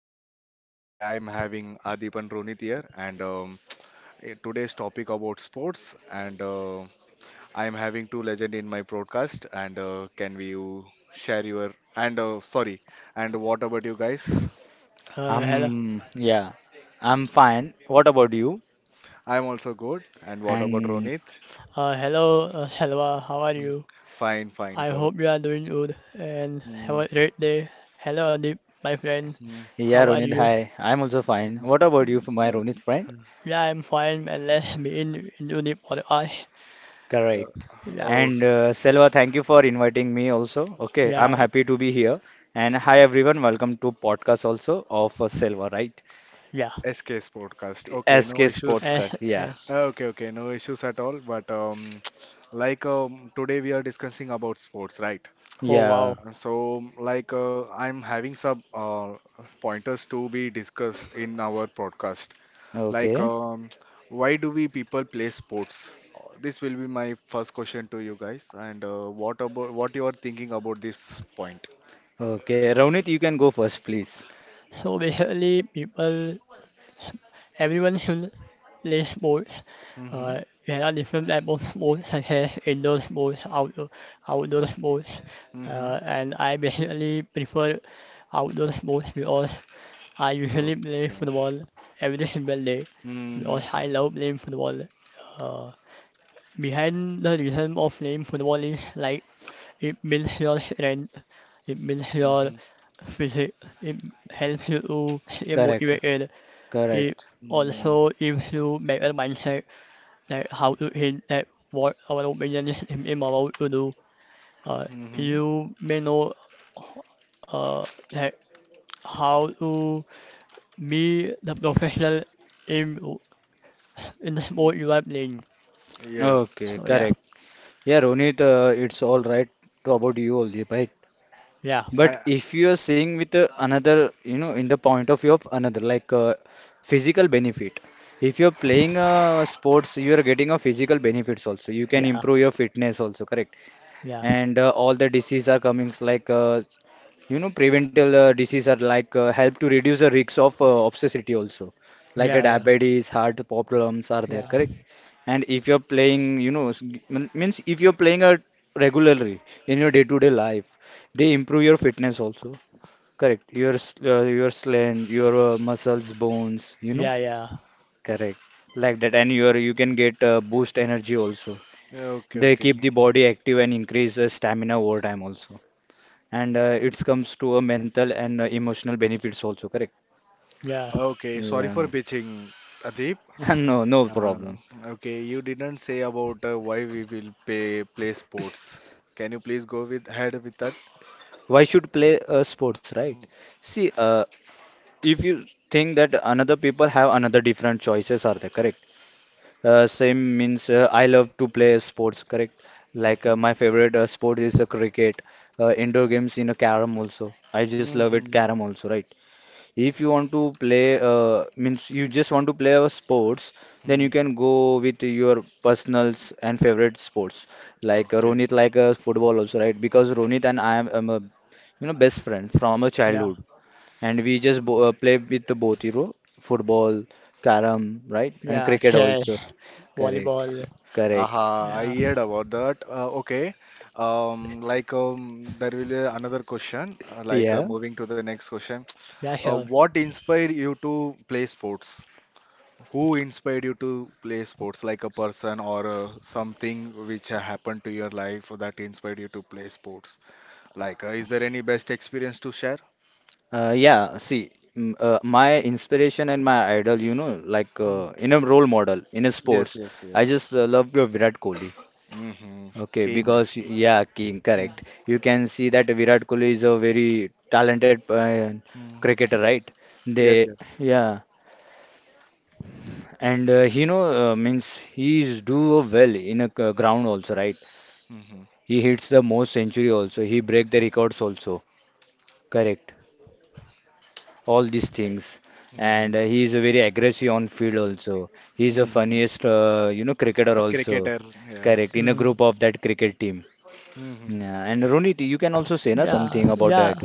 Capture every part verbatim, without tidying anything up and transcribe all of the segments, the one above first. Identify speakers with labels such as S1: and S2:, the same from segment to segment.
S1: and uh, today I'm having Adip and Ronit here, and um, eh, today's topic about sports, and uh, I'm having two legend in my podcast, and uh, can we you share your and uh, sorry, and what about you guys?
S2: Uh, hello,
S3: I'm yeah, I'm fine. What about you?
S1: I'm also good, and what about
S3: And
S1: Ronit?
S2: uh, hello, uh, hello, uh, how are
S1: Hmm.
S2: you?
S1: Fine, fine,
S2: I
S1: sir.
S2: hope you are doing good and have
S1: Hmm,
S2: a great day. Hello, Adip, my friend,
S1: hmm,
S3: yeah,
S2: how are
S3: Ronit,
S2: you?
S3: hi. I'm also fine.
S1: hmm,
S3: What about you, my Ronit friend?
S1: hmm.
S2: Yeah, I'm fine, and let's be in, in unit for the eye.
S3: Correct.
S1: Uh,
S2: Yeah,
S1: oh,
S3: And uh, Selva, thank you for inviting me also. Okay, I'm
S2: yeah,
S1: thank you,
S3: happy
S1: thank.
S3: to be here. And hi everyone, welcome to podcast also of uh,
S1: you.
S3: Selva, right?
S2: yeah.
S1: S K's podcast. Okay, no
S3: S K Sports
S1: issues.
S2: Eh,
S3: Cut. Yeah.
S2: eh.
S1: Okay, okay, no issues at all. But um, like um, today we are discussing about sports, right?
S2: Oh,
S3: Yeah.
S2: wow.
S1: Uh, So like uh, I'm having some uh, pointers to be discussed in our podcast. Like
S3: Okay.
S1: um, why do we people play sports? Uh, This will be my first question to you guys. And uh, what about what you are thinking about this point?
S3: Okay. Ronit, you can go first, please.
S2: So basically, people, everyone should these sports.
S1: Mm-hmm.
S2: Uh, there are different types of sports such as indoor sports, outdoor, outdoor sports,
S1: Mm-hmm.
S2: uh, and I basically prefer outdoor sports because I usually
S1: Okay.
S2: play football every single day
S1: Mm-hmm.
S2: because I love playing football. Uh, Behind the reason of playing football is like it builds your strength, it
S1: Mm-hmm.
S2: builds your physique, it helps you to stay
S3: Correct.
S2: motivated, it
S3: Correct.
S1: Mm-hmm.
S2: also gives you better mindset like how to hint at what our opinion is im- immoral to do. Uh,
S1: Mm-hmm,
S2: you may know uh, like how to be the professional in in the
S1: mm-hmm.
S2: sport you are playing.
S1: Yes.
S3: Okay.
S2: So yeah,
S3: Correct. Yeah, Ronit, uh, it's all right. To about you only, right?
S2: yeah,
S1: I,
S3: But if you are seeing with uh, another, you know, in the point of view of another, like uh, physical benefit. If you're playing uh, sports, you are getting a physical benefits also. You can
S2: yeah,
S3: improve your fitness also, correct?
S2: yeah,
S3: And uh, all the diseases are coming, like uh, you know prevental uh, disease are like uh, help to reduce the risks of uh, obesity also, like
S2: yeah,
S3: uh,
S2: yeah,
S3: diabetes heart problems are there,
S2: yeah,
S3: correct? And if you're playing, you know, s- g- mean- means if you're playing a regularly in your day-to-day life, they improve your fitness also, correct. Your s- uh, your strength, your uh, muscles, bones, you know,
S2: yeah, yeah,
S3: correct, like that. And your, you can get uh, boost energy also.
S1: okay,
S3: They keep
S1: okay.
S3: the body active and increase uh, stamina over time also. And uh, it comes to a mental and uh, emotional benefits also, correct?
S2: yeah,
S1: Okay, sorry for
S3: Yeah.
S1: pitching, Adib.
S3: No, no
S1: Um,
S3: problem.
S1: okay, you didn't say about uh, why we will pay play sports. Can you please go with ahead with that?
S3: Why should play uh, sports, right? See, uh, if you think that another people have another different choices, are they correct? Uh, same means uh, I love to play sports, correct? Like uh,
S1: Hmm,
S3: my favorite uh, sport is uh, cricket, uh, indoor games in a carom also. I just love it,
S1: hmm,
S3: carom also, right? If you want to play, uh, means you just want to play a sports, then
S1: hmm.
S3: you can go with your personals and favorite sports. Like uh,
S1: Okay.
S3: Ronit, like uh, football also, right? Because Ronit and I am, am a, you know, best friend from a
S2: yeah,
S3: childhood, and we just bo uh, play with the both, you know, football, carom, right, and
S2: yeah,
S3: cricket also.
S2: chess,
S3: Correct,
S2: volleyball,
S3: correct.
S1: Aha, I
S2: yeah,
S1: heard about that. Uh, okay. Um, like um, there will be another question. Uh, like uh,
S3: Yeah.
S1: moving to the next question.
S2: yeah,
S1: Uh,
S2: sure.
S1: what inspired you to play sports? Who inspired you to play sports, like a person or uh, something which ha- happened to your life that inspired you to play sports? Like, uh, is there any best experience to share?
S3: Uh, yeah, see, m- uh, my inspiration and my idol, you know, like
S1: Hmm.
S3: uh, in a role model in a
S1: Yes,
S3: sports,
S1: yes,
S3: I
S1: yes.
S3: just uh, love your Virat Kohli.
S1: Hmm.
S3: Okay,
S1: King.
S3: because yeah, King,
S1: Hmm.
S3: correct. You can see that Virat Kohli is a very talented uh,
S1: Hmm.
S3: cricketer, right?
S1: Yes,
S3: They,
S1: yes.
S3: yeah, and uh, he know uh, means he's do well in a c- ground also, right?
S1: Hmm.
S3: He hits the most century also. He break the records also, correct? All these things. And
S1: Hmm.
S3: uh, he is a very aggressive on field also. He is the
S1: Hmm.
S3: funniest, uh, you know, cricketer also.
S1: Cricketer.
S3: Correct, in a
S2: Mm.
S1: Yes.
S3: group of that cricket team.
S1: Hmm.
S3: Yeah. And Ronit, you can also say na,
S2: Yeah,
S3: something about
S2: yeah.
S3: that.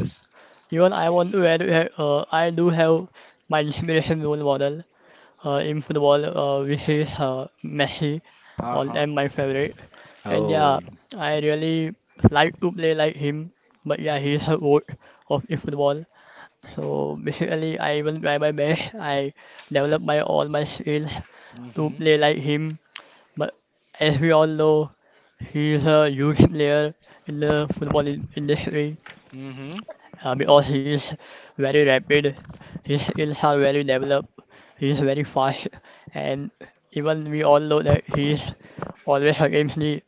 S2: Even I want to add, uh, I do have my limitation role model. Uh, in football, uh, we have uh, Messi, all
S1: Uh-huh.
S2: time my favorite. And yeah,
S3: Oh,
S2: I really like to play like him. But yeah,
S1: Hmm.
S2: he's a goat of the football. So basically, I will try my best. I develop my all my skills to
S1: Hmm.
S2: play like him. But as we all know, he's a huge player in the football in- industry
S1: Hmm.
S2: uh, because he is very rapid, his skills are very developed, he is very fast, and even we all know that he is always against the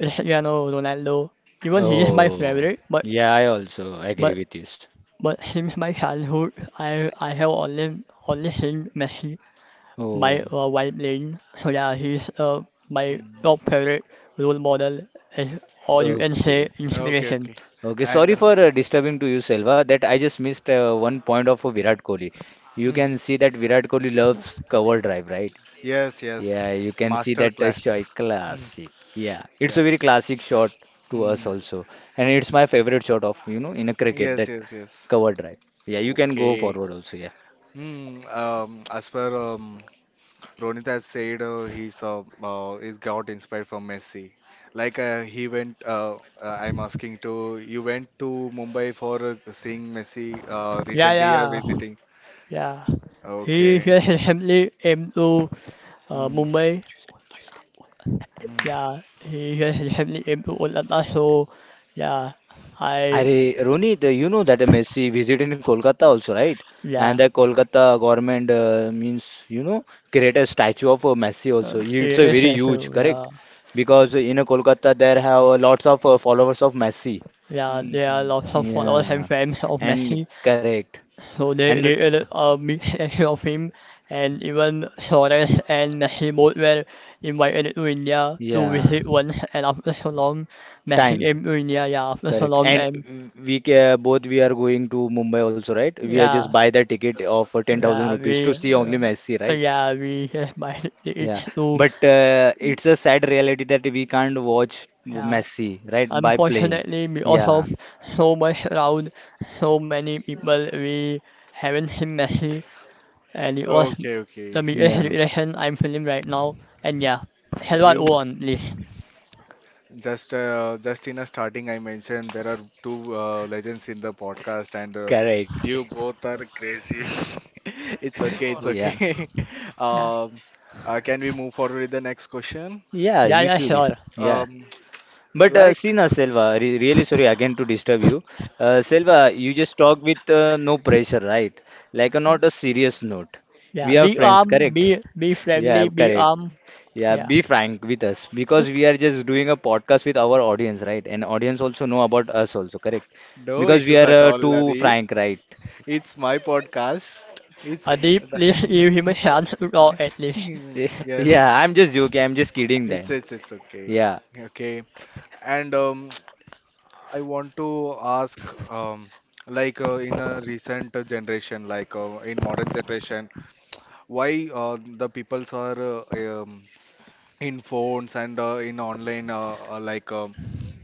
S2: Cristiano Ronaldo. Even he is my
S3: oh,
S2: favorite, but
S3: yeah, I also agree
S2: but
S3: with this.
S2: but since my childhood, I I have only only seen Messi my
S3: Oh,
S2: uh, while playing. So yeah, he's uh, my
S1: Hmm.
S2: top favorite role model, and all you can say
S3: okay.
S1: Okay,
S2: inspiration.
S1: okay.
S3: Okay,
S1: And
S3: sorry
S1: uh,
S3: for uh, disturbing to you, Selva, that I just missed uh, one point of uh, Virat Kohli. You
S1: hmm.
S3: can see that Virat Kohli loves cover drive, right?
S1: Yes,
S3: Yeah, you
S1: yes,
S3: can see
S1: master
S3: that touch joy
S1: class.
S3: classic. Yeah, it's a very classic shot
S1: Yes.
S3: to us
S1: Hmm.
S3: also, and it's my favorite shot of, you know, in a cricket,
S1: Yes,
S3: that
S1: yes, yes.
S3: cover drive. Yeah, you can go
S1: Okay.
S3: forward also. Yeah.
S1: Hmm. Um, as per um, Ronit has said, uh, he's uh, uh, he's got inspired from Messi. Like uh, he went. Uh, uh, I'm asking to you went to Mumbai for uh, seeing Messi uh,
S2: Yeah,
S1: recently. You are
S2: yeah,
S1: visiting.
S2: yeah. He
S1: Okay.
S2: just recently came to uh,
S1: Hmm.
S2: Mumbai.
S1: Hmm.
S2: Yeah, he just recently came to Kolkata. So yeah, I
S3: Arey, Ronit, uh, you know that uh, Messi visited in Kolkata also, right? And
S2: yeah,
S3: the
S1: Uh,
S3: Kolkata government uh, means, you know, create a statue of uh, Messi also.
S2: um,
S3: It's
S2: it
S3: a
S2: is
S3: very
S2: a
S3: huge,
S2: show.
S3: correct?
S2: Yeah,
S3: Because in uh, Kolkata there have uh, lots of uh, followers of Messi.
S2: yeah,
S1: hmm.
S2: there are
S1: Hmm,
S2: lots of followers and
S3: Yeah.
S2: fans of
S3: And
S2: Messi.
S3: correct.
S2: So they
S3: And
S2: created a mixed section of him, and even Suarez and Messi both were invited to India to
S3: yeah.
S2: visit once. And after so long, Messi
S3: Time,
S2: came to India. Yeah, after so
S3: correct.
S2: long,
S3: And
S2: and
S3: w- we ca
S1: hmm,
S3: both we are going to Mumbai also, right? We are just
S2: yeah.
S3: buy the ticket of uh, ten thousand rupees
S2: Ravi,
S3: to see
S1: hmm.
S2: uh,
S3: only Messi, right?
S2: Ravi is my city
S3: Yeah.
S2: too.
S3: But uh, it's a sad reality that we can't watch
S2: Yeah.
S3: Messi, right? By playing.
S2: Unfortunately, because
S3: Yeah.
S2: of so much crowd, so many people, we haven't seen Messi, and it was
S1: Okay,
S2: the
S1: okay.
S2: biggest
S3: Yeah.
S2: regression I'm feeling right now. And yeah, help us
S1: You
S2: on please.
S1: Just uh, just in a starting, I mentioned there are two uh, legends in the podcast, and uh,
S3: Correct.
S1: you both are crazy. It's okay, it's
S3: Yeah.
S1: okay.
S2: Yeah,
S1: Um, uh, can we move forward with the next question?
S3: Yeah,
S2: yeah,
S3: you
S2: yeah,
S3: should.
S2: sure.
S3: Yeah.
S1: Um,
S3: But uh,
S1: like
S3: see now, Selva, re really sorry again to disturb you. Uh, Selva, you just talk with uh, no pressure, right? Like uh,
S2: Yeah,
S3: not a serious note. We
S2: yeah.
S3: are
S2: Be
S3: friends,
S2: calm,
S3: correct?
S2: be be
S3: Yeah,
S2: friendly, be
S3: correct.
S2: calm.
S3: Yeah,
S2: Yeah,
S3: be frank with us because we are just doing a podcast with our audience, right? And audience also know about us also, correct?
S1: no
S3: Because we
S1: issues
S3: are
S1: at
S3: uh,
S1: all,
S3: too
S1: Nadi.
S3: frank, right?
S1: It's my podcast. It's
S2: a deep please give him a chance to go at least.
S3: Eh,
S1: yes,
S3: yeah, I'm just joking. I'm just kidding
S1: it's
S3: them.
S1: it's it's okay,
S3: Yeah.
S1: okay. And um, I want to ask, um, like uh, in a recent generation, like uh, in modern generation, why uh, the peoples are uh, um, in phones and uh, in online, uh, uh, like um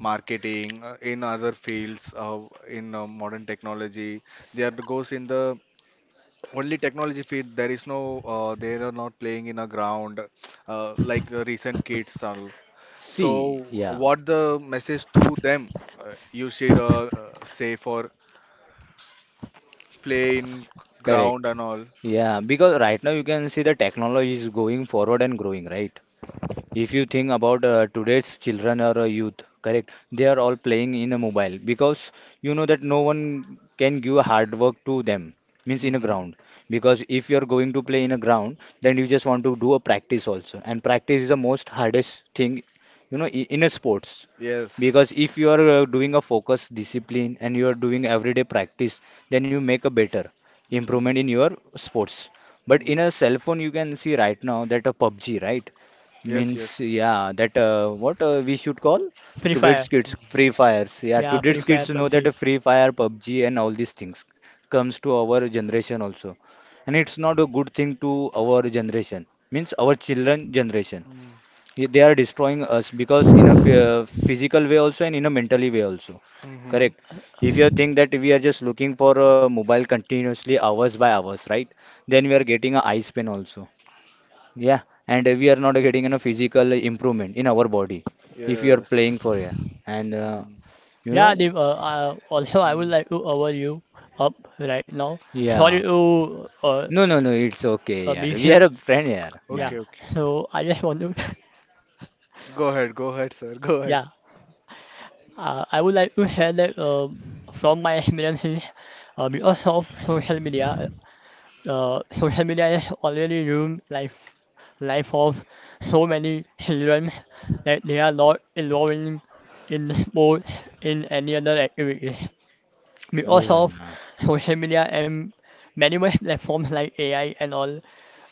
S1: marketing, uh, in other fields, uh, in uh, modern technology, there goes in the only technology field. There is no, uh, they are not playing in a ground, uh, like uh, recent kids are.
S3: See,
S1: So,
S3: yeah,
S1: what the message to them uh, you should uh, uh, say for play in g- ground
S3: correct.
S1: and all?
S3: Yeah, because right now you can see the technology is going forward and growing, right? If you think about uh, today's children or uh, youth, correct, they are all playing in a mobile because you know that no one can give hard work to them, means in a
S1: Hmm.
S3: ground. Because if you are going to play in a ground, then you just want to do a practice also, and practice is the most hardest thing, you know, i- in a sports. Because if
S1: Yes.
S3: you are uh, doing a focus, discipline, and you are doing everyday practice, then you make a better
S1: Mm.
S3: improvement in your sports. But
S1: Mm.
S3: in a cell phone, you can see right now that a PUBG, right?
S1: Yes,
S3: Means,
S1: yes.
S3: yeah, that uh, what uh, we should call
S2: Free fire.
S3: today's kids free fires. Yeah,
S2: Yeah, free
S3: today's
S2: fire,
S3: kids
S2: but
S3: know that a free fire, PUBG, and all these things comes to our generation also, and it's not a good thing to our generation. Means our children generation,
S1: Mm.
S3: Ye- they are destroying us because in a phy- uh, physical way also and in a mentally way also.
S1: Hmm.
S3: Correct. If you think that we are just looking for a mobile continuously hours by hours, right? Then we are getting a eye pain also. Yeah, and we are not getting, you know, physical improvement in our body if you are playing for yeah.
S1: Yes.
S3: And uh,
S1: Mm.
S3: you know,
S2: yeah, Deep, uh, uh, also I would
S1: Mm,
S2: like to offer you up right now.
S1: mm.
S2: Sorry
S3: yeah,
S2: to uh,
S3: no, no, no, it's okay.
S2: uh,
S3: Yeah,
S2: meet
S3: we are
S2: you.
S3: a friend here,
S2: Yeah,
S1: Okay,
S3: man.
S1: okay.
S2: so I just want to,
S1: Go ahead, go ahead, sir. Go ahead.
S2: yeah, uh, I would like to share that um from my experiences uh, because of social media. Uh, social media is already ruined life, life of so many children that they are not involving in sports in any other activities. We
S3: Yeah,
S2: also have social media and many more platforms like A I and all.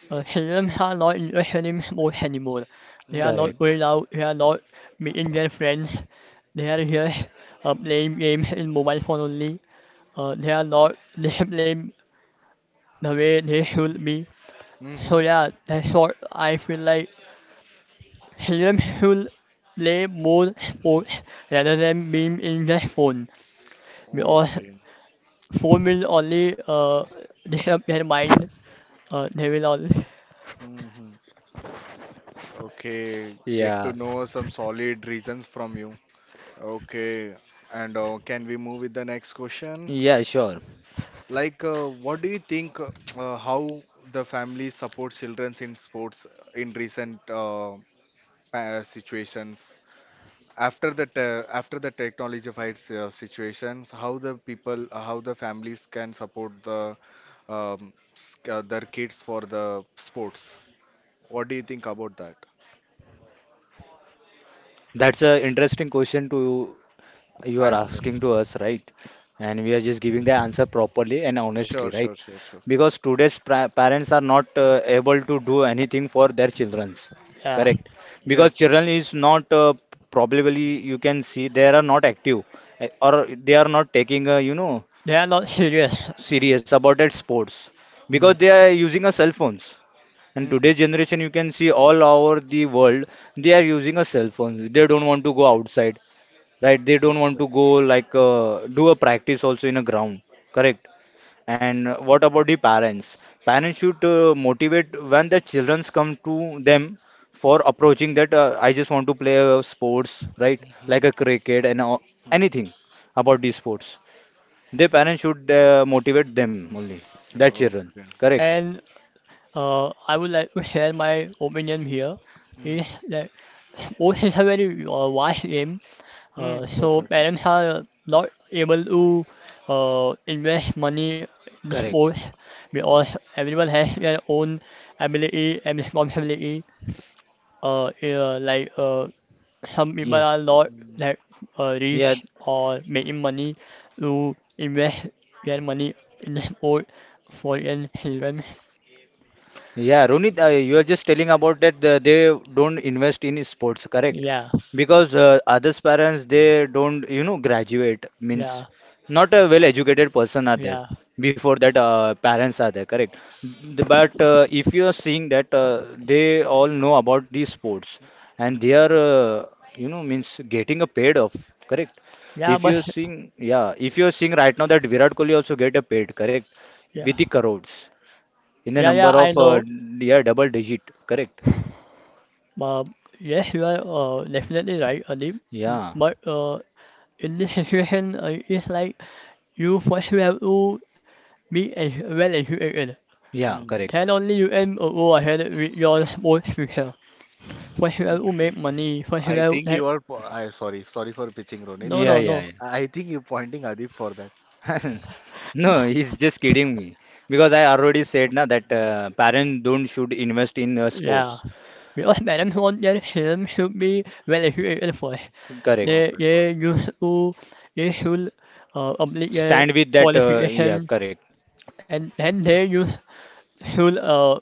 S2: Uh, children are not interested in sports anymore. They are not
S1: Mm-hmm.
S3: correct.
S2: going out, they are not meeting their friends. They are just uh, playing games in mobile phone only. Uh, they are not disciplined the way they should be. So
S1: Mm-hmm.
S2: yeah, that's what I feel like children should play more sports rather than being in their phone because
S1: Okay.
S2: phone will only uh disturb their mind uh, they will not.
S1: Mm-hmm. Okay. Get to
S3: Yeah,
S1: know some solid reasons from you. Okay. And uh, can we move with the next question?
S3: yeah, sure.
S1: Like, uh, what do you think uh, how the family supports children in sports in recent uh, pa- situations? After the te- after the technology fights uh, situations, how the people, uh, how the families can support the um, s- uh, their kids for the sports? What do you think about that?
S3: That's a interesting question to you are
S1: Answer.
S3: asking to us, right? And we are just giving the answer properly and honestly,
S1: Sure,
S3: right?
S1: sure, sure, sure.
S3: Because today's pra- parents are not uh, able to do anything for their childrens,
S2: Yeah,
S3: correct? Because
S1: Yes,
S3: children
S1: yes.
S3: is not uh, probably you can see they are not active, eh, or they are not taking, uh, you know,
S2: they are not serious.
S1: Mm.
S3: serious about their sports
S2: Mm.
S3: because they are using a cell phones. And
S1: Hmm.
S3: today's generation, you can see all over the world, they are using a cell phone. They don't want to go outside, right, they don't want
S1: Perfect.
S3: to go like uh, do a practice also in a ground, correct. And uh, what about the parents? Parents should uh, motivate when the childrens come to them for approaching that, uh, I just want to play uh, sports, right,
S1: Mm-hmm.
S3: like a cricket and uh, anything about these sports. The parents should uh, motivate them only, that children,
S1: Okay.
S3: correct.
S2: And uh, I would like to share my opinion here
S1: Mm.
S2: is that sports is a very uh, vast game,
S1: Mm.
S2: uh, so
S1: Perfect.
S2: parents are not able to uh, invest money in
S3: Correct.
S2: sports because everyone has their own ability and responsibility, uh, yeah, like uh, help me
S3: Yeah.
S2: a lot,
S1: Mm.
S2: like uh,
S3: Yeah.
S2: rich or making money to invest their money in sport for young children.
S3: Yeah, Ronit, uh, you are just telling about that uh, they don't invest in sports, correct?
S2: Yeah,
S3: Because uh, others parents they don't, you know, graduate means
S2: yeah,
S3: not a well-educated person are there
S2: yeah,
S3: before that uh, parents are there, correct? The- But uh, if you are seeing that uh, they all know about these sports and they
S1: Mm.
S3: are, uh, you know, means getting a paid off, correct?
S2: yeah,
S3: If
S2: but
S3: you're seeing, yeah, if you're seeing right now that Virat Kohli also get a paid, correct?
S2: yeah,
S3: With the crores in a
S2: yeah, yeah,
S3: number
S2: I
S3: of uh,
S2: know.
S3: yeah, double digit, correct.
S2: But yes, you are uh, definitely right, Adib.
S3: Yeah,
S2: But uh, in this situation, uh, it's like you first have to be as well educated.
S3: yeah,
S1: Mm.
S3: correct.
S2: Then only you can uh, go ahead with your sports future. First you have to
S1: Yeah,
S2: make money. First you
S1: I
S2: have to
S1: think
S2: like,
S1: you are. po- I sorry, sorry for pitching, Ronit.
S2: no,
S1: I
S3: Yeah,
S2: no,
S1: think
S2: no.
S3: yeah,
S1: I think you're pointing Adib for that.
S3: yeah. No, he's just kidding me because I already said na that
S1: Mhm.
S3: uh, parents don't should invest in uh, sports,
S2: Yeah. Because parents want their children should be well educated first.
S3: correct.
S2: They
S1: Perfect, perfect.
S2: they used to they should uh, complete their
S3: Stand with that, uh, yeah,
S2: qualification
S3: correct.
S2: and then they used should uh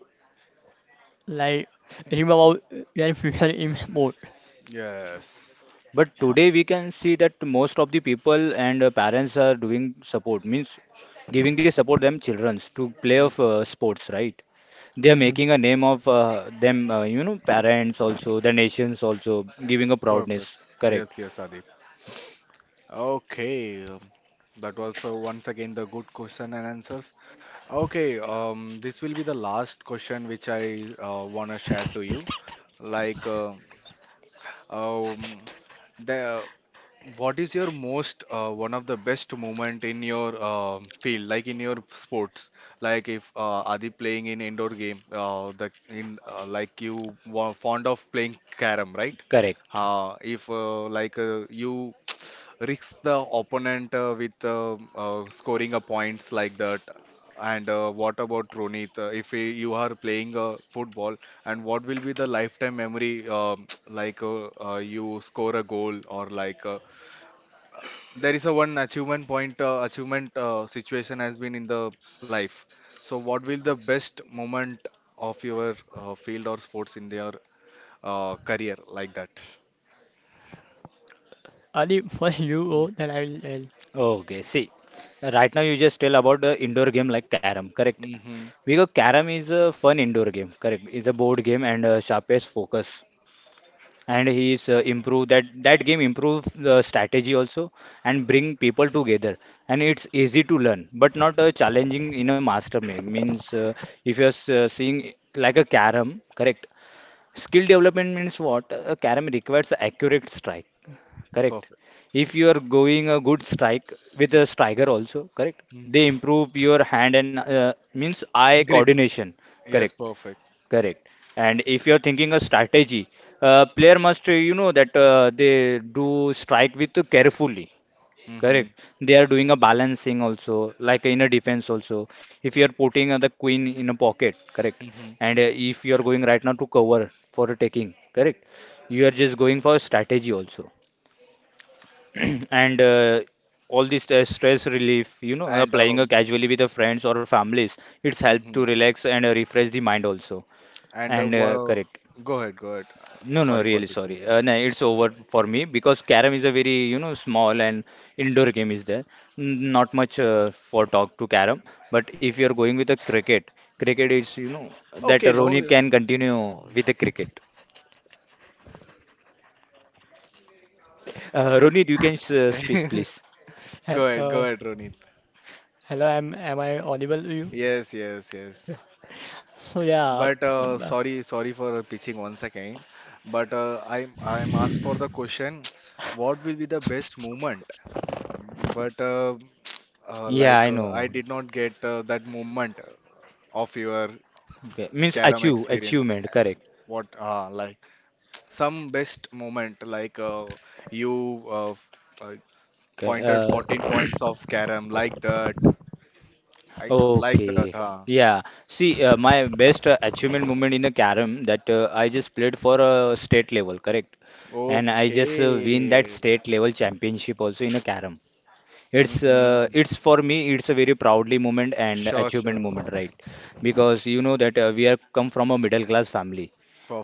S2: like dream about their future in sport.
S1: Yes,
S3: But
S2: Yeah.
S3: today we can see that most of the people and uh, parents are doing support, means giving the support them childrens to play
S1: mm,
S3: of uh, sports, right? They are
S2: Mm-hmm.
S3: making a name of uh, them, uh, you know, parents also, the nations also, giving a proudness.
S1: perfect.
S3: Correct,
S1: Yes, yes, Adib. Okay, um, that was uh, once again the good question and answers. Okay, um, this will be the last question which I uh, wanna share to you. Like, um um, the what is your most uh, one of the best moment in your um field, like in your sports? Like if uh, are they playing in indoor game, uh, the in uh, like you wa- fond of playing carom, right?
S3: correct.
S1: Uh, if uh, like uh, you risk the opponent uh, with uh, uh, scoring a points like that. And uh, what about Ronit? Uh, if he, you are playing uh, football, and what will be the lifetime memory? um like uh, uh, you score a goal or like uh, there is a one achievement point uh, achievement uh, situation has been in the life so what will the best moment of your uh, field or sports in their uh, career like that.
S2: Only for you go then I will tell. Hel-
S3: Okay, see, right now you just tell about the indoor game like carom, correct?
S1: Mm-hmm.
S3: Because carom is a fun indoor game, correct? It's a board game and uh, sharpest focus. And he's uh, improve that that game, improve the strategy also, and bring people together, and it's easy to learn but not uh, challenging in a master ma- means uh, if you're s- uh, seeing like a carom, correct. Skill development means what a carom requires accurate strike, correct.
S1: Perfect.
S3: If you are going a good strike with a striker also, correct,
S1: Mm.
S3: they improve your hand and uh, means eye
S1: Grip.
S3: coordination,
S1: Yes,
S3: correct.
S1: perfect.
S3: Correct. And if you're thinking a strategy, uh, player must, uh, you know, that uh, they do strike with carefully.
S1: Mm-hmm.
S3: Correct. They are doing a balancing also, like in a defense also. If you're putting uh, the queen in a pocket, correct.
S1: Mm-hmm.
S3: And uh, if you're going right now to cover for a taking, correct. You are just going for strategy also. And uh, all this uh, stress relief, you know, uh,
S1: And
S3: playing uh,
S1: um,
S3: casually with the friends or families, it's helped
S1: hmm.
S3: to relax and uh, refresh the mind also.
S1: And uh,
S3: And uh,
S1: wha-
S3: correct.
S1: go ahead, go ahead, uh,
S3: No, no,
S1: sorry for
S3: really
S1: pitching.
S3: sorry. Uh, no, it's over for me because Carom is a very, you know, small and indoor game is there. N- Not much uh, for talk to Carom. But if you're going with the cricket, cricket is, you know, that
S1: okay no
S3: Ronit
S1: uh,
S3: can continue with the cricket. Uh,
S1: go,
S3: Ronit, you can s- uh, speak, please.
S1: go ahead, go
S2: Uh,
S1: ahead, Ronit.
S2: Hello, am am I audible to you?
S1: Yes, yes, yes.
S2: So yeah,
S1: But uh,
S2: uh,
S1: sorry, sorry for pitching once again. But uh, I'm I'm asked for the question, what will be the best moment? But uh, uh,
S3: Yeah,
S1: like
S3: I
S1: uh, I
S3: know.
S1: did not get uh, that moment of your
S3: Okay. Means
S1: carom
S3: achieve,
S1: experience.
S3: achievement, correct.
S1: What uh, like some best moment like uh, you uh, f- uh,
S3: Okay.
S1: pointed
S3: Uh,
S1: fourteen points of carom like that. I like that.
S3: Okay.
S1: Huh?
S3: Yeah. See, uh, my best uh, achievement moment in a carom that uh, I just played for a state level, correct? And I just uh, win that
S1: Okay.
S3: state level championship also in a carom. it's uh,
S1: Hmm.
S3: it's for me, it's a very proudly moment and
S1: Sure,
S3: achievement
S1: sure.
S3: moment, right? Because you know that uh, we are come from a middle class family,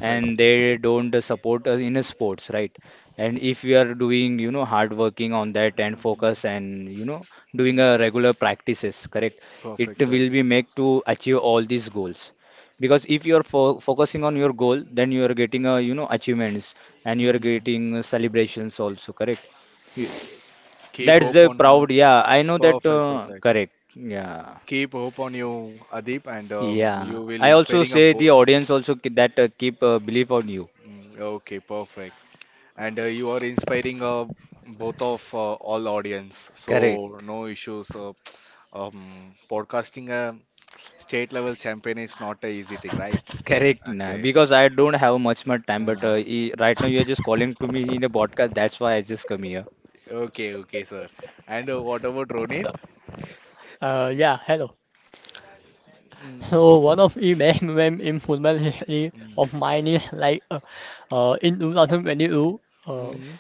S3: and they don't uh, support us in a sports, right? And if we are doing, you know, hard working on that and
S1: Mhm.
S3: focus, and you know, doing a regular practices, correct, it
S1: Perfect,
S3: will
S1: sir.
S3: be make to achieve all these goals. Because if you are fo- focusing on your goal, then you are getting a, you know, achievements, and you are
S1: Hmm.
S3: getting uh, celebrations also, correct. You-
S1: Keep
S3: that's
S1: hope
S3: the
S1: on you.
S3: proud. Yeah, I know that.
S1: Perfect,
S3: Uh,
S1: perfect.
S3: correct. Yeah.
S1: Keep hope on you, Adip, and um,
S3: Yeah.
S1: you will
S3: I also
S1: inspiring a
S3: say the
S1: bo
S3: audience also ki- that uh, keep uh, belief on you.
S1: mm, okay, perfect. And uh, you are inspiring uh, both of uh, all audience. So
S3: Correct.
S1: no issues. Uh, um, podcasting a state level champion is not a easy thing, right?
S3: Correct. Nah,
S1: Okay.
S3: because I don't have much more time, but
S1: Yeah.
S3: uh, e- right now you're just calling to me in a podcast. That's why I just come here.
S1: Okay, okay, sir. And uh, what about Ronit?
S2: yeah, hello.
S1: Mm,
S2: So one of the best moments in football history
S1: mm,
S2: of mine is like uh, uh, in twenty twenty-two. Uh,
S1: mm.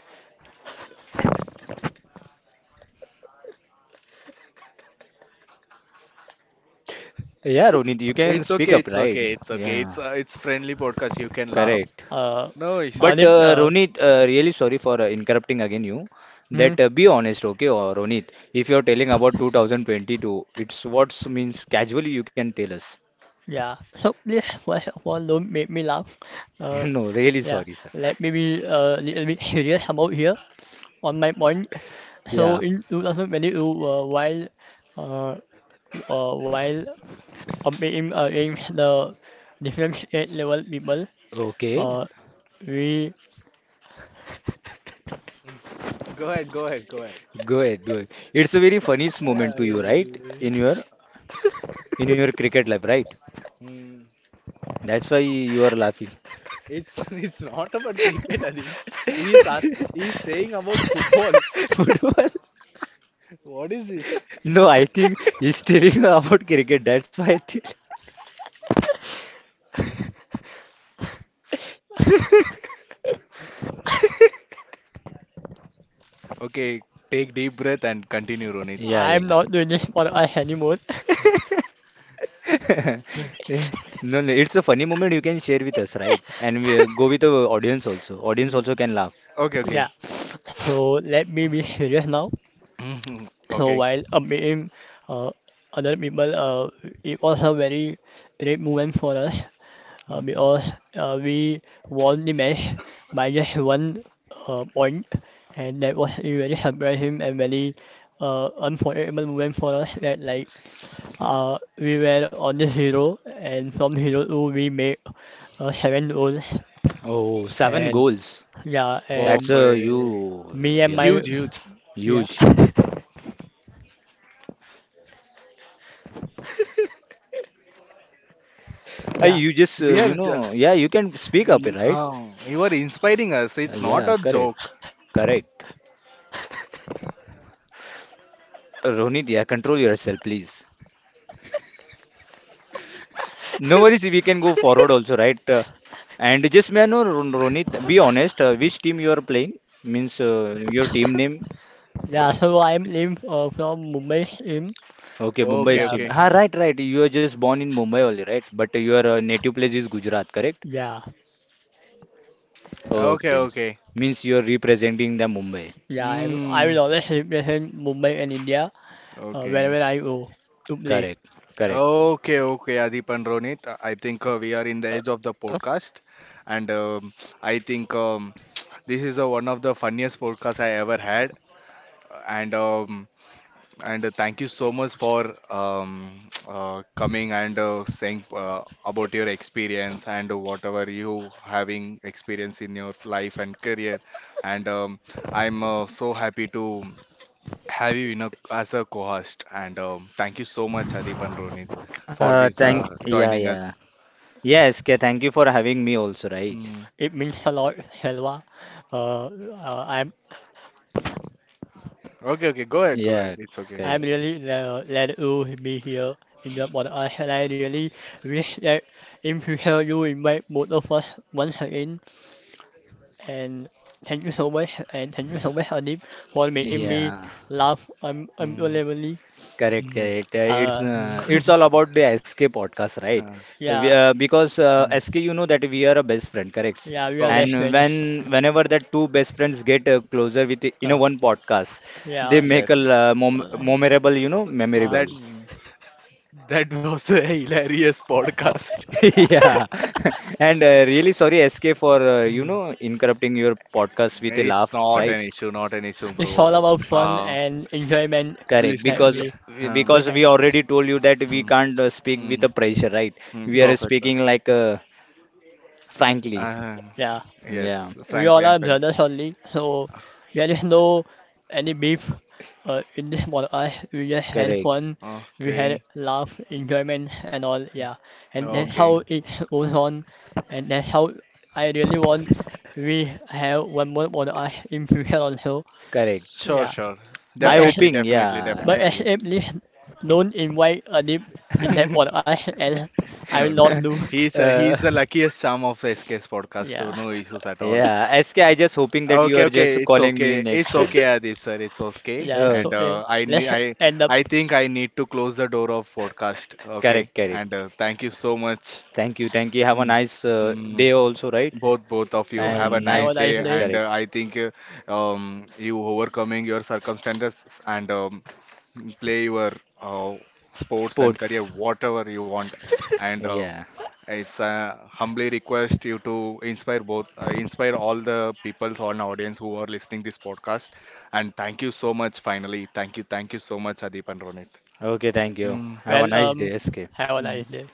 S3: Yeah, Ronit, you can
S1: It's
S3: speak
S1: okay,
S3: up,
S1: it's
S3: right?
S1: okay, it's okay. It's
S3: Yeah.
S1: uh, it's friendly podcast. You can laugh.
S3: Correct.
S2: uh,
S1: No
S2: uh,
S3: But
S2: they-
S1: issues.
S3: uh,
S2: uh,
S3: Ronit, uh, really sorry for uh, interrupting again you.
S2: hmm,
S3: That, uh, be honest, okay, or Ronit, if you're telling about two thousand twenty-two, it's what's means casually you can tell us.
S2: yeah. So this first of all don't make me laugh. Uh,
S3: No, really
S2: yeah,
S3: sorry, sir.
S2: let me be uh, a little bit serious about here on my point. So
S3: Yeah.
S2: in twenty twenty-two, uh, while uh, uh, while competing against the different state level people,
S3: Okay.
S2: uh, we
S1: Go ahead, go ahead, go ahead.
S3: Go ahead, go ahead. It's a very funniest
S1: Yeah.
S3: moment to you, right? In your in your cricket life, right?
S1: Hmm.
S3: That's why you are laughing.
S1: It's it's not about cricket, Adib. He's us. He's saying about football.
S3: Football?
S1: What is this?
S3: No, I think he's telling about cricket. That's why I think.
S1: Okay, take deep breath and continue, Ronit.
S3: Yeah,
S2: I'm
S3: yeah.
S2: not doing this for us anymore.
S3: No, no, it's a funny moment you can share with us, right? And we uh, go with the audience also. Audience
S1: Mm.
S3: also can laugh.
S1: Okay, okay.
S2: Yeah, so let me be serious now.
S1: Mhm.
S2: So
S1: Okay.
S2: while uh, meeting uh, other people, uh, it was a very great moment for us uh,
S1: Mhm.
S2: because uh, we won the match by just one uh, point, and that was a very surprising and very uh, unforgettable moment for us. That like uh, we were on the zero, and from zero to we made uh, seven goals,
S3: Oh, seven
S2: and
S3: goals.
S2: yeah,
S3: That's
S2: and
S3: a
S1: Perfect.
S3: you,
S2: me and
S3: yeah,
S2: my
S1: Huge, huge.
S2: yeah.
S3: huge. Uh,
S2: Yeah,
S3: you just, uh,
S1: We are,
S3: you know, yeah, you can speak up, right?
S1: uh, you are inspiring us.
S3: Uh,
S1: It's not
S3: yeah,
S1: a
S3: correct,
S1: joke.
S3: correct. Uh, Ronit, yeah, control yourself, please. No worries, we can go forward also, right? Uh, and just may I know, Ron- Ronit, be honest, uh, which team you are playing? Means uh, your team name?
S2: yeah. Hello, I'm Lim uh, from Mumbai, Lim.
S3: Okay,
S1: Okay,
S3: Mumbai's
S2: Yeah,
S3: team.
S1: okay.
S3: Ah, right, right. You are just born in Mumbai only, right? But your uh, native place is Gujarat, correct?
S2: yeah,
S1: Okay,
S3: Okay.
S1: okay.
S3: Means you are representing the Mumbai.
S2: yeah. I'm, I will
S1: Mm,
S2: always represent Mumbai and India uh,
S1: okay.
S2: wherever I go to play.
S3: Correct, correct.
S1: Okay, okay, Adip and Ronit. I think uh, we are in the edge of the podcast, and um, I think um, this is uh, one of the funniest podcasts I ever had. And um, and uh, thank you so much for um, uh, coming and uh, saying uh, about your experience and whatever you having experience in your life and career. And um, I'm uh, so happy to have you in a, as a co-host. And um, thank you so much, Adip and Ronit, for
S3: Uh,
S1: this
S3: thank,
S1: uh,
S3: yeah,
S1: joining
S3: yeah.
S1: us.
S3: Yes, K. Thank you for having me also, right?
S1: Hmm.
S2: It means a lot, Selva. Uh, uh, I'm
S1: Okay, okay, go ahead, go ahead.
S3: Yeah,
S1: It's okay.
S2: I'm
S3: correct.
S2: really uh, glad to be here in the podcast, and I really wish that in future you invite both of us once again. And thank you so much, and thank you so much, Adib, for making
S1: Mhm,
S2: me
S3: Yeah,
S2: laugh un
S1: mhm,
S2: unbelievably.
S3: correct,
S1: mhm.
S3: correct. Uh, It's,
S2: Uh,
S3: uh, it's all about the S K podcast, right?
S1: Ah,
S2: yeah.
S3: We, uh, because uh,
S1: mm.
S3: S K, you know that we are a best friend, correct?
S2: Yeah, we are best
S1: Perfect.
S3: And when
S2: friends.
S3: whenever the two best friends get uh, closer with, you know
S2: Uh,
S3: one podcast, they
S2: yeah.
S3: make a
S1: Yes,
S3: uh, mom
S2: Uh,
S3: memorable, you know,
S2: uh,
S1: that
S3: memorable.
S1: that was a hilarious podcast.
S3: Yeah, and uh, really sorry, S K, for uh, you
S1: Mm.
S3: know interrupting your podcast with a
S1: It's
S3: laugh,
S1: not
S2: mm.
S3: right?
S1: an issue, not an issue,
S2: It's all
S1: bro.
S2: about fun
S1: Uh,
S2: and enjoyment
S3: Correct,
S1: listen,
S2: that
S3: because
S1: li
S2: we
S1: uh,
S2: we
S3: because
S2: have.
S3: we already told you that we
S1: mm,
S3: can't uh, speak with
S1: mm,
S3: the pressure, right?
S1: mm,
S3: We
S2: Yeah,
S3: are
S1: perfect, sir.
S3: speaking like uh, frankly.
S1: Uh,
S2: yeah.
S1: f- yes,
S3: Yeah,
S2: We all
S1: Franklin
S2: are
S1: Pen.
S2: brothers only, so there is no any beef uh, in this podcast. We just had
S3: correct,
S2: fun, we had
S1: Okay.
S2: laugh, enjoyment, and all. Yeah, and that's how
S1: Okay.
S2: it goes on, and that's how I really want we have one more podcast in future also.
S3: correct.
S1: Sure,
S2: Yeah,
S1: sure.
S2: but
S3: I
S2: it's
S1: Definitely,
S3: hoping,
S1: definitely,
S2: but
S3: yeah.
S1: definitely.
S2: escape is known in white a deep in depth for us and I
S1: No,
S2: will
S1: no.
S2: not do.
S1: He's uh,
S3: uh,
S1: he's the luckiest charm of S K's podcast, so
S2: Yeah,
S1: no issues at all.
S3: yeah, S K, I just hoping that you are
S1: Okay, okay,
S3: just
S1: it's
S3: calling me
S1: okay.
S3: next
S1: It's
S3: time.
S1: okay, Adib sir. It's okay.
S2: yeah, it's
S1: And
S3: Okay,
S1: uh,
S2: okay.
S1: I ne-
S2: Let's
S1: I
S2: end up.
S1: I think I need to close the door of podcast. Okay.
S3: correct, correct.
S1: And uh, thank you so much.
S3: Thank you, thank you. Have a
S1: Hmm.
S3: nice uh,
S1: Hmm.
S3: day also, right?
S1: Both both of you
S2: Yeah,
S1: have a
S3: And
S2: have a
S1: nice day,
S3: nice,
S2: nice day.
S1: and uh,
S3: correct.
S1: I think uh, um, you overcoming your circumstances and um, play your uh, sports and career
S3: Sports.
S1: whatever you want and uh,
S3: Yeah.
S1: it's a humbly request you to inspire both uh, inspire all the peoples on audience who are listening this podcast and thank you so much finally thank you thank you so much adeep and ronit.
S3: Okay, thank you.
S1: Mm,
S3: Have a
S2: Well,
S3: nice
S2: um,
S3: day, S K.
S2: have a nice
S1: mm.
S2: day.